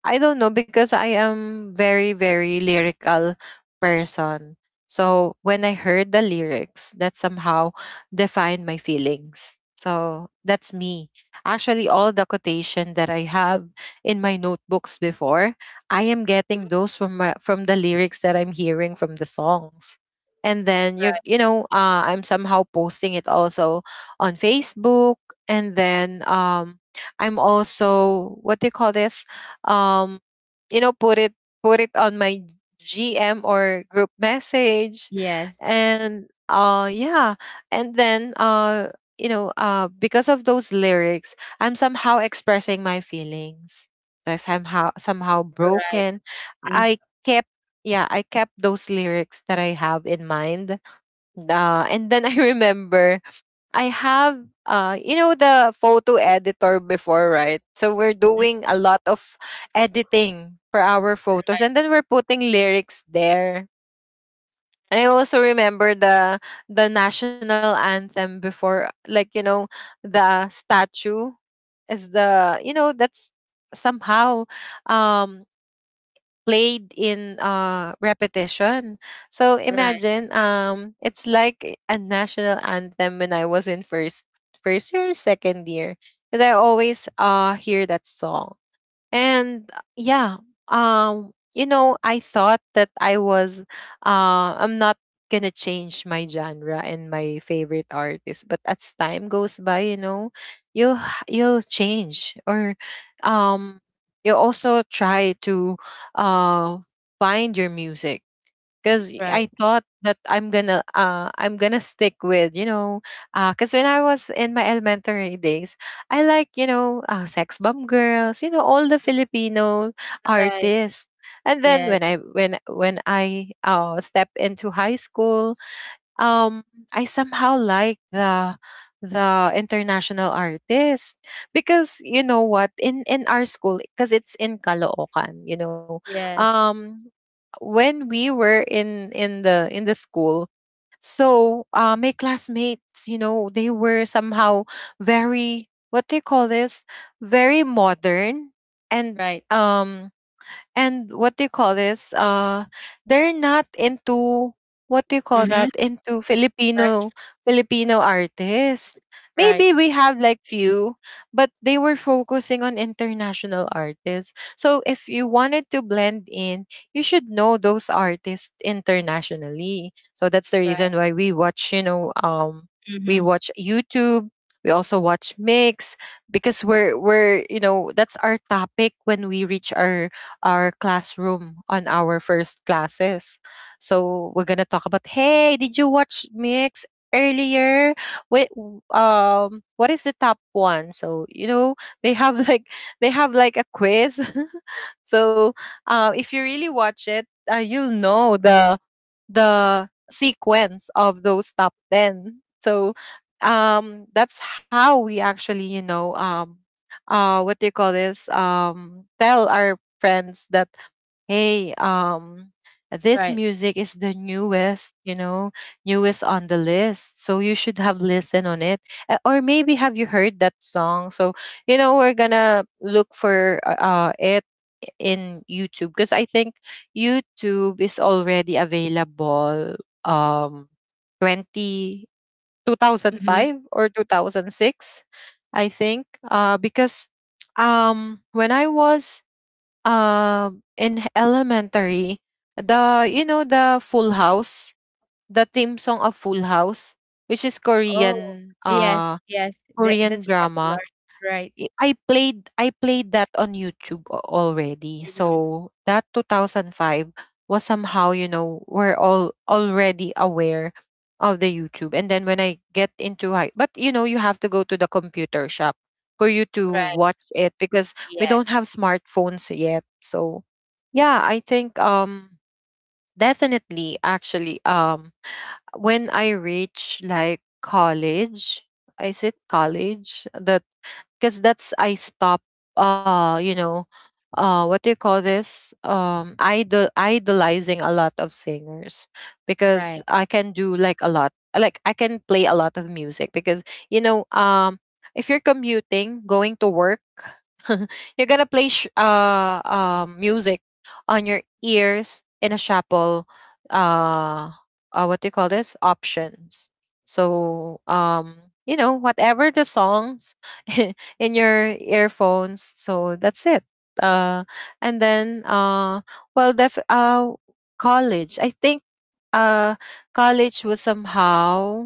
S1: I don't know, because I am very, very lyrical person. So when I heard the lyrics, that somehow defined my feelings. So that's me. Actually, all the quotation that I have in my notebooks before, I am getting those from from the lyrics that I'm hearing from the songs. And then
S2: Right.
S1: you know, I'm somehow posting it also on Facebook, and then I'm also, what do you call this? um you know, put it on my gm or group message.
S2: Yes.
S1: And yeah. And then you know, because of those lyrics, I'm somehow expressing my feelings. So if somehow
S2: Right.
S1: broken,
S2: Mhm.
S1: I kept yeah, I kept those lyrics that I have in mind. And then I remember, I have you know, the photo editor before, right? So we're doing a lot of editing for our photos,
S2: Right.
S1: and then we're putting lyrics there. And I also remember the national anthem before, like, you know, the statue is the, you know, that's somehow um played in, repetition. So
S2: Right.
S1: imagine, it's like a national anthem when I was in first year, second year, because I always hear that song. And yeah, you know, I thought that I'm not gonna change my genre and my favorite artist, but as time goes by, you know, you'll change, or, um, you also try to, uh, find your music, because
S2: Right.
S1: I thought that I'm gonna stick with, you know, because when I was in my elementary days, I like, you know, Sex Bomb Girls, you know, all the Filipino
S2: Right.
S1: artists. And then
S2: Yes.
S1: when I stepped into high school, um I somehow like the international artist. Because, you know what, in our school, because it's in Caloocan, you know,
S2: Yes.
S1: um when we were in the school, so my classmates, you know, they were somehow very, what do you call this, very modern, and
S2: Right.
S1: um and what do you call this, they're not into, what do you call
S2: Mhm.
S1: that, into
S2: Right.
S1: Filipino artists.
S2: Right.
S1: Maybe we have like few, but they were focusing on international artists. So if you wanted to blend in, you should know those artists internationally. So that's the
S2: Right.
S1: reason why we watch, you know, we
S2: Mhm.
S1: watch YouTube, we also watch Mix, because we're you know, that's our topic when we reach our classroom on our first classes. So we're gonna talk about, hey, did you watch Mix earlier? Wait, what is the top one? So you know, they have like, they have like a quiz. So if you really watch it, you'll know the sequence of those top ten. So that's how we actually, you know, what do you call this, um, tell our friends that, hey, um, this
S2: Right.
S1: music is the newest, you know, newest on the list, so you should have listened on it. Or maybe, have you heard that song? So you know, we're gonna look for it in YouTube, because I think YouTube is already available um 20 two thousand
S2: Mhm.
S1: five or 2006, I think, because when I was, in elementary, the, you know, the Full House, the theme song of Full House, which is
S2: Oh.
S1: Korean,
S2: Yes. Yes. That
S1: Korean
S2: that's
S1: drama,
S2: popular. Right.
S1: I played that on YouTube already,
S2: Mhm.
S1: so that 2005 was somehow, you know, we're all already aware of the YouTube. And then when I get into high, but you know, you have to go to the computer shop for you to
S2: Right.
S1: watch it, because we
S2: Yeah.
S1: don't have smartphones yet. So yeah, I think, definitely, actually, when I reach like college, is it college? The Because that's, I stop you know, what do you call this, idolizing a lot of singers, because
S2: Right.
S1: I can do like a lot, like I can play a lot of music, because, you know, if you're commuting going to work, you're gonna play music on your ears in a shuffle, uh, what do you call this, options. So you know, whatever the songs in your earphones. So that's it. Uh, and then, uh, well, college. I think uh, college was somehow,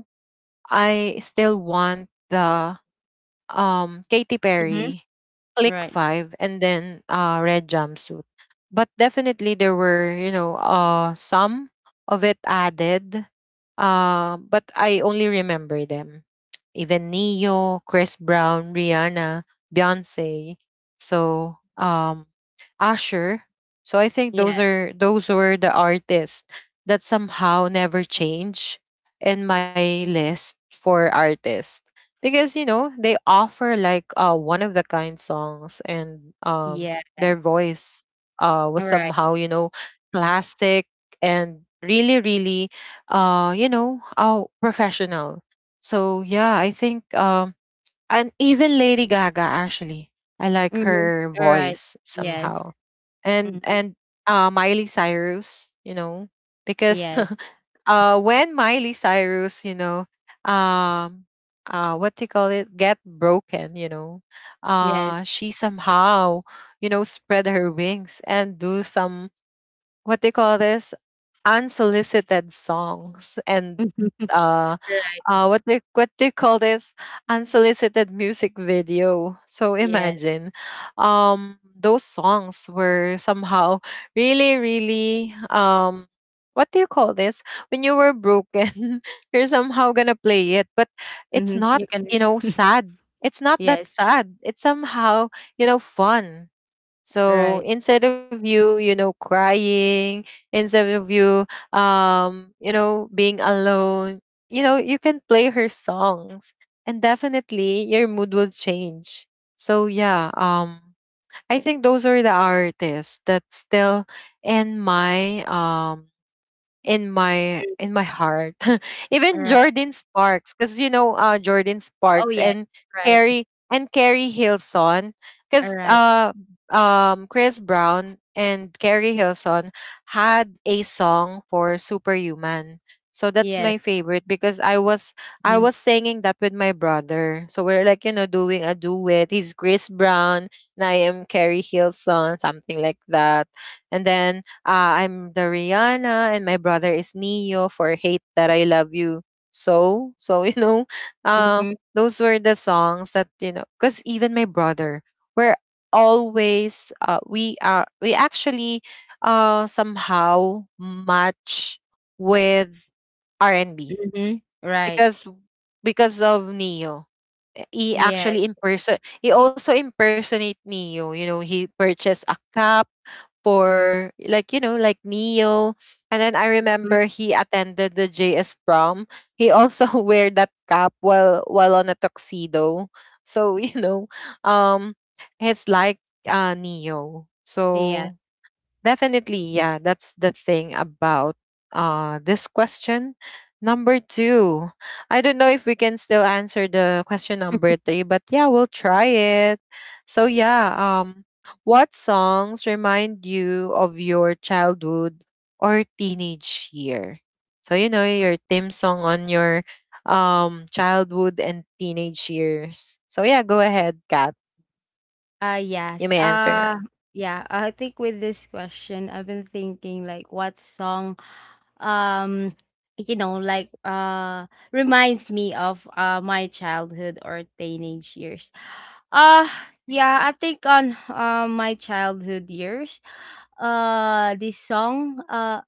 S1: I still want the, um, Katy
S2: Mhm.
S1: Perry, Click
S2: Right.
S1: 5, and then, uh, Red Jumpsuit. But definitely there were, you know, some of it added. Uh, but I only remember them. Even Neo, Chris Brown, Rihanna, Beyonce. So, um, Usher. So I think
S2: Yeah.
S1: those were the artists that somehow never change in my list for artists, because, you know, they offer like, uh, one of the kind songs, and, um, their
S2: Yes.
S1: voice, was
S2: Right.
S1: somehow, you know, classic, and really, really, you know, professional. So yeah, I think, and even Lady Gaga, actually. I like
S2: Mhm.
S1: her
S2: Right.
S1: voice
S2: Yes.
S1: somehow.
S2: Mhm.
S1: And Miley Cyrus, you know, because
S2: Yes.
S1: uh, when Miley Cyrus, you know, um what do you call it? Get broken, you know.
S2: Yes.
S1: Uh, she somehow, you know, spread her wings and do some, what they call this, unsolicited songs, and uh
S2: Right.
S1: what they, call this, unsolicited music video. So
S2: Yes.
S1: imagine, um, those songs were somehow really, really, um, what do you call this, when you were broken you're somehow gonna play it, but it's
S2: Mhm.
S1: not,
S2: You can.
S1: you know, sad, it's not that
S2: Yes.
S1: sad, it's somehow, you know, fun. So
S2: Right.
S1: instead of you, you know, crying, instead of you, you know, being alone, you know, you can play her songs, and definitely your mood will change. So yeah, I think those are the artists that still in my, um, in my, heart. Even
S2: Alright.
S1: Jordan Sparks, because Jordan
S2: Oh,
S1: Sparks
S2: yes. Right.
S1: Carrie and Carrie Hilson, because
S2: Alright.
S1: Chris Brown and Carrie Hilson had a song for Superhuman. So that's
S2: Yes.
S1: my favorite because I
S2: Mm.
S1: was singing that with my brother. So we're like, you know, doing a duet. He's Chris Brown and I am Carrie Hilson, something like that. And then I'm the Rihanna and my brother is Neo for Hate That I Love You So. So, you know, uh,
S2: Mhm.
S1: those were the songs that, you know, because even my brother, we're always, we are, we actually somehow match with R&B
S2: Mhm. Right.
S1: because, because of Neo he
S2: Yes.
S1: actually imperson he also impersonate Neo. You know, he purchased a cup for like you know like Neo, and then I
S2: Mhm.
S1: remember he attended the JS prom. He also wear that cap while on a tuxedo. So you know, um, it's like Neo.
S2: Yeah.
S1: So definitely, yeah. That's the thing about this question. Number two. I don't know if we can still answer the question number three, but yeah, we'll try it. So yeah, what songs remind you of your childhood or teenage year? So you know your theme song on your childhood and teenage years. So yeah, go ahead, Kat.
S2: Uh,
S1: You
S2: yes.
S1: may answer now.
S2: Yeah, I think with this question, I've been thinking like what song, um, you know, reminds me of my childhood or teenage years. Uh, yeah, I think on my childhood years, this song uh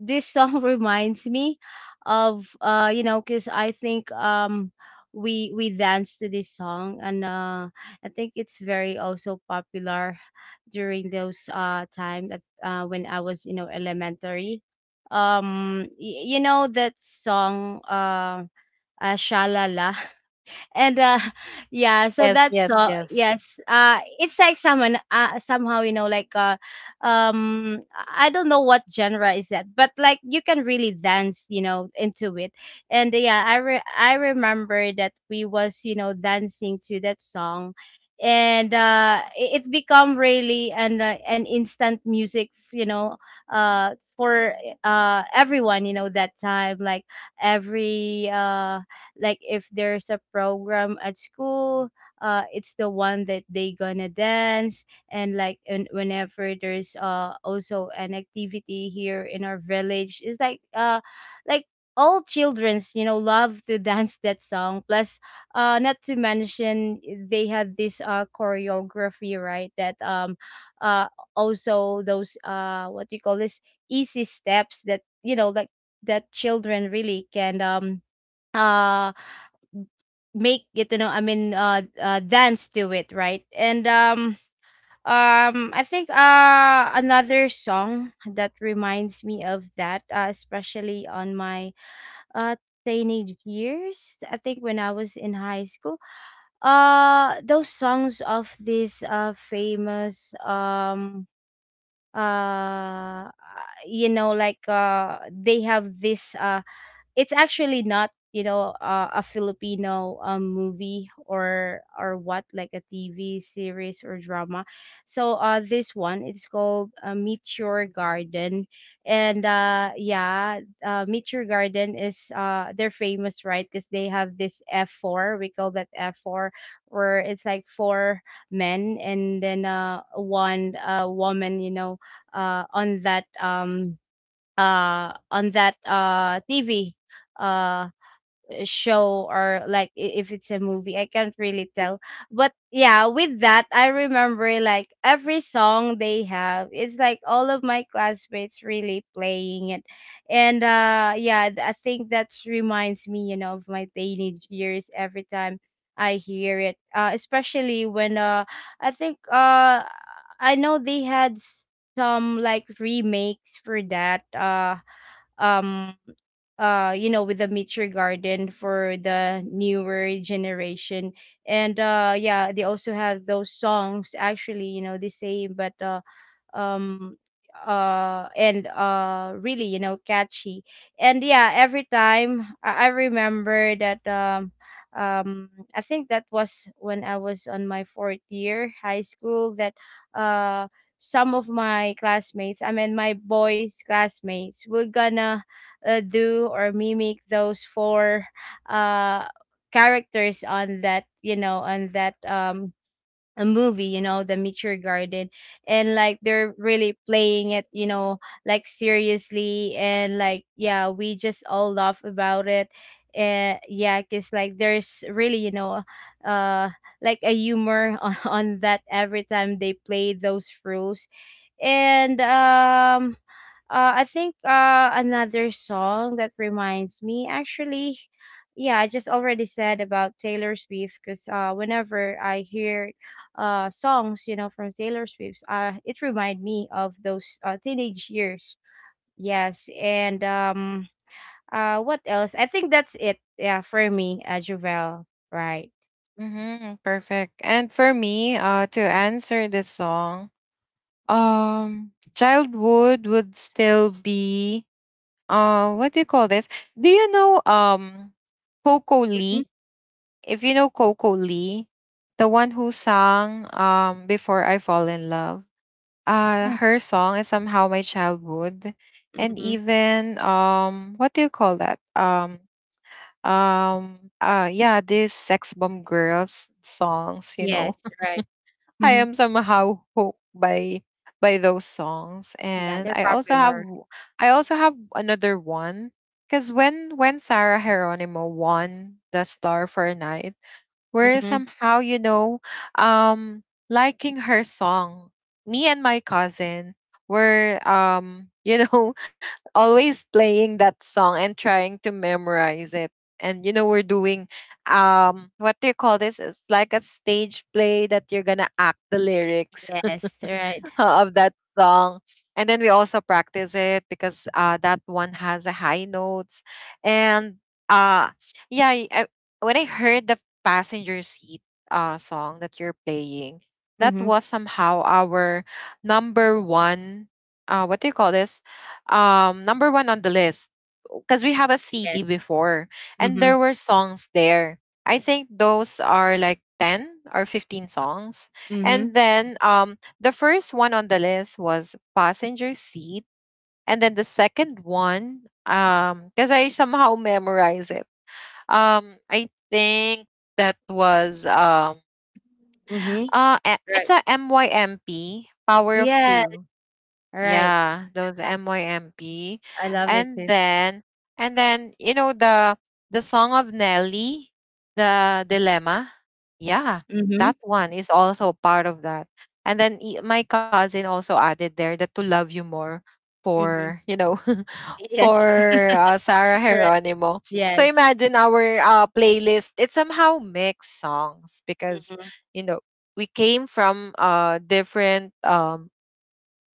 S2: this song reminds me of you know because I think we danced to this song, and I think it's very also popular during those time that when I was, you know, elementary. You know that song, uh, shalala, and yeah, so
S1: Yes,
S2: that's, so
S1: yes, yes.
S2: yes, uh, it's like someone, somehow, you know, like I don't know what genre is that, but like you can really dance, you know, into it. And yeah, I remember that we was, you know, dancing to that song, and it become really an instant music, you know, uh, for everyone, you know, that time. Like every like if there's a program at school, it's the one that they gonna dance. And like, and whenever there's also an activity here in our village, it's like, uh, like all children's, you know, love to dance that song. Plus, uh, not to mention, eh, they had this choreography, right, that uh also those what do you call this, easy steps that, you know, like, that children really can uh make it, you know, I mean, uh, dance to it, right? And I think another song that reminds me of that, especially on my uh teenage years. I think when I was in high school, those songs of this famous uh you know, like they have this it's actually not, you know, a Filipino, movie, or what, like a TV series or drama. So this one, it's called, Meteor Garden. And yeah, Meteor Garden is, uh, they're famous, right, because they have this f4, we call that f4, where it's like four men, and then one woman, you know, uh on that um on that TV uh show, or like, I- if it's a movie, I can't really tell. But yeah, with that I remember, like, every song they have, it's like all of my classmates really playing it. And yeah, I think that reminds me, you know, of my teenage years, every time I hear it, uh, especially when I think I know they had some like remakes for that, um you know, with the Meet Your Garden for the newer generation. And yeah, they also have those songs, actually, you know, the same, but um and really, you know, catchy. And yeah, every time I remember that, um I think that was when I was on my fourth year high school, that uh some of my classmates, I mean, my boys classmates were gonna, do or mimic those four uh characters on that, you know, on that, um, a movie, you know, The Meteor Garden. And like they're really playing it, you know, like seriously, and like, yeah, we just all laugh about it. And yeah, cause like there's really, you know, uh, like a humor on, on that every time they play those rules. And I think another song that reminds me, actually, yeah, I just already said about Taylor Swift, because whenever I hear songs, you know, from Taylor Swift, it remind me of those, teenage years. Yes, and what else? I think that's it. Yeah, for me, Juvel. Right.
S1: Mm-hmm, perfect. And for me, to answer this song, childhood would still be what do you call this? Do you know Coco
S2: Hmm.
S1: Lee? If you know Coco Lee, the one who sang before I fall in love, her song is somehow my childhood, and
S2: Mm-hmm.
S1: even what do you call that? Yeah, these sex bomb girls songs, you know.
S2: Yes. Right.
S1: I
S2: Hmm.
S1: am somehow hooked by those songs,
S2: Yeah,
S1: and
S2: they're
S1: I also
S2: popular.
S1: I also have another one because when Sarah Geronimo won the Star for a Night, where
S2: Mm-hmm.
S1: somehow you know um liking her song, me and my cousin were you know always playing that song and trying to memorize it. And you know we're doing what do you call this, it's like a stage play that you're gonna act the lyrics
S2: Yes. Right.
S1: of that song. And then we also practice it because that one has a high notes. And uh, yeah, when I heard the passenger seat song that you're playing, that
S2: Mm-hmm.
S1: was somehow our number one. What do you call this? Number one on the list, because we have a CD before, and
S2: Yes.
S1: there were songs there. I think those are like 10 or 15 songs,
S2: Mhm,
S1: and then the first one on the list was passenger seat, and then the second one, because I somehow memorized it. I think that was
S2: mhm.
S1: it's
S2: Right.
S1: a MYMP, Power of
S2: Yeah,
S1: Two.
S2: right.
S1: Yeah, those
S2: Yeah,
S1: MYMP.
S2: I love it
S1: And
S2: too.
S1: then and then you know the song of Nelly, the dilemma. Yeah,
S2: Mhm,
S1: that one is also part of that. And then my cousin also added there that to love you more
S2: mhm.
S1: for, you know,
S2: Yes,
S1: for Sarah
S2: right.
S1: Geronimo. So
S2: Yes.
S1: imagine our playlist. It's somehow mixed songs because
S2: Mhm.
S1: you know we came from different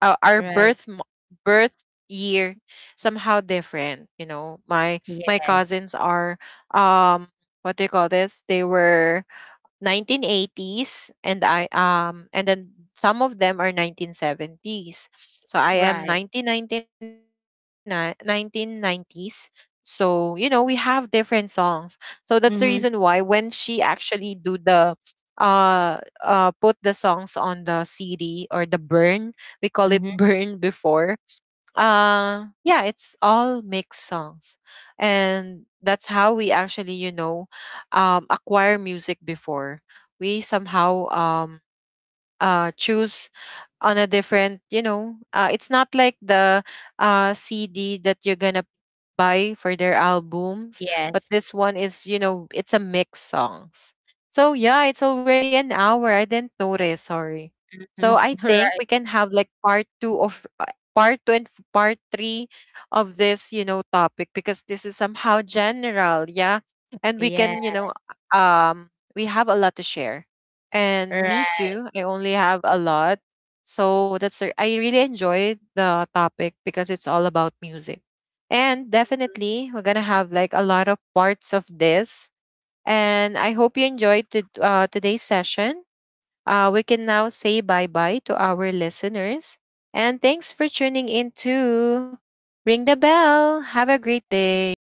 S1: uh, our
S2: Right.
S1: birth mo- birth year somehow different, you know. My
S2: Yes.
S1: cousins are um what do you call this, they were 1980s and I and then some of them are 1970s. So I am
S2: Right.
S1: 1999 1990s. So, you know, we have different songs. So that's the reason why when
S2: Mhm,
S1: she actually do the put the songs on the CD, or the burn, we call it
S2: mhm.
S1: burn before. Yeah, it's all mixed songs. And that's how we actually, you know, acquire music before. We somehow choose on a different, you know, it's not like the CD that you're going to buy for their albums. But
S2: Yes.
S1: this one is, you know, it's a mix songs. So yeah, it's already an hour. I didn't notice. Sorry.
S2: Mhm.
S1: So I think
S2: Right.
S1: we can have like part two of part two and part three of this, you know, topic, because this is somehow general. Yeah. And we
S2: Yeah,
S1: can, you know, um, we have a lot to share. And me
S2: right.
S1: too. I only have a lot. So that's, I really enjoyed the topic because it's all about music. And definitely, we're gonna have like a lot of parts of this. And I hope you enjoyed to, today's session. We can now say bye bye to our listeners. And thanks for tuning in to Ring the Bell. Have a great day.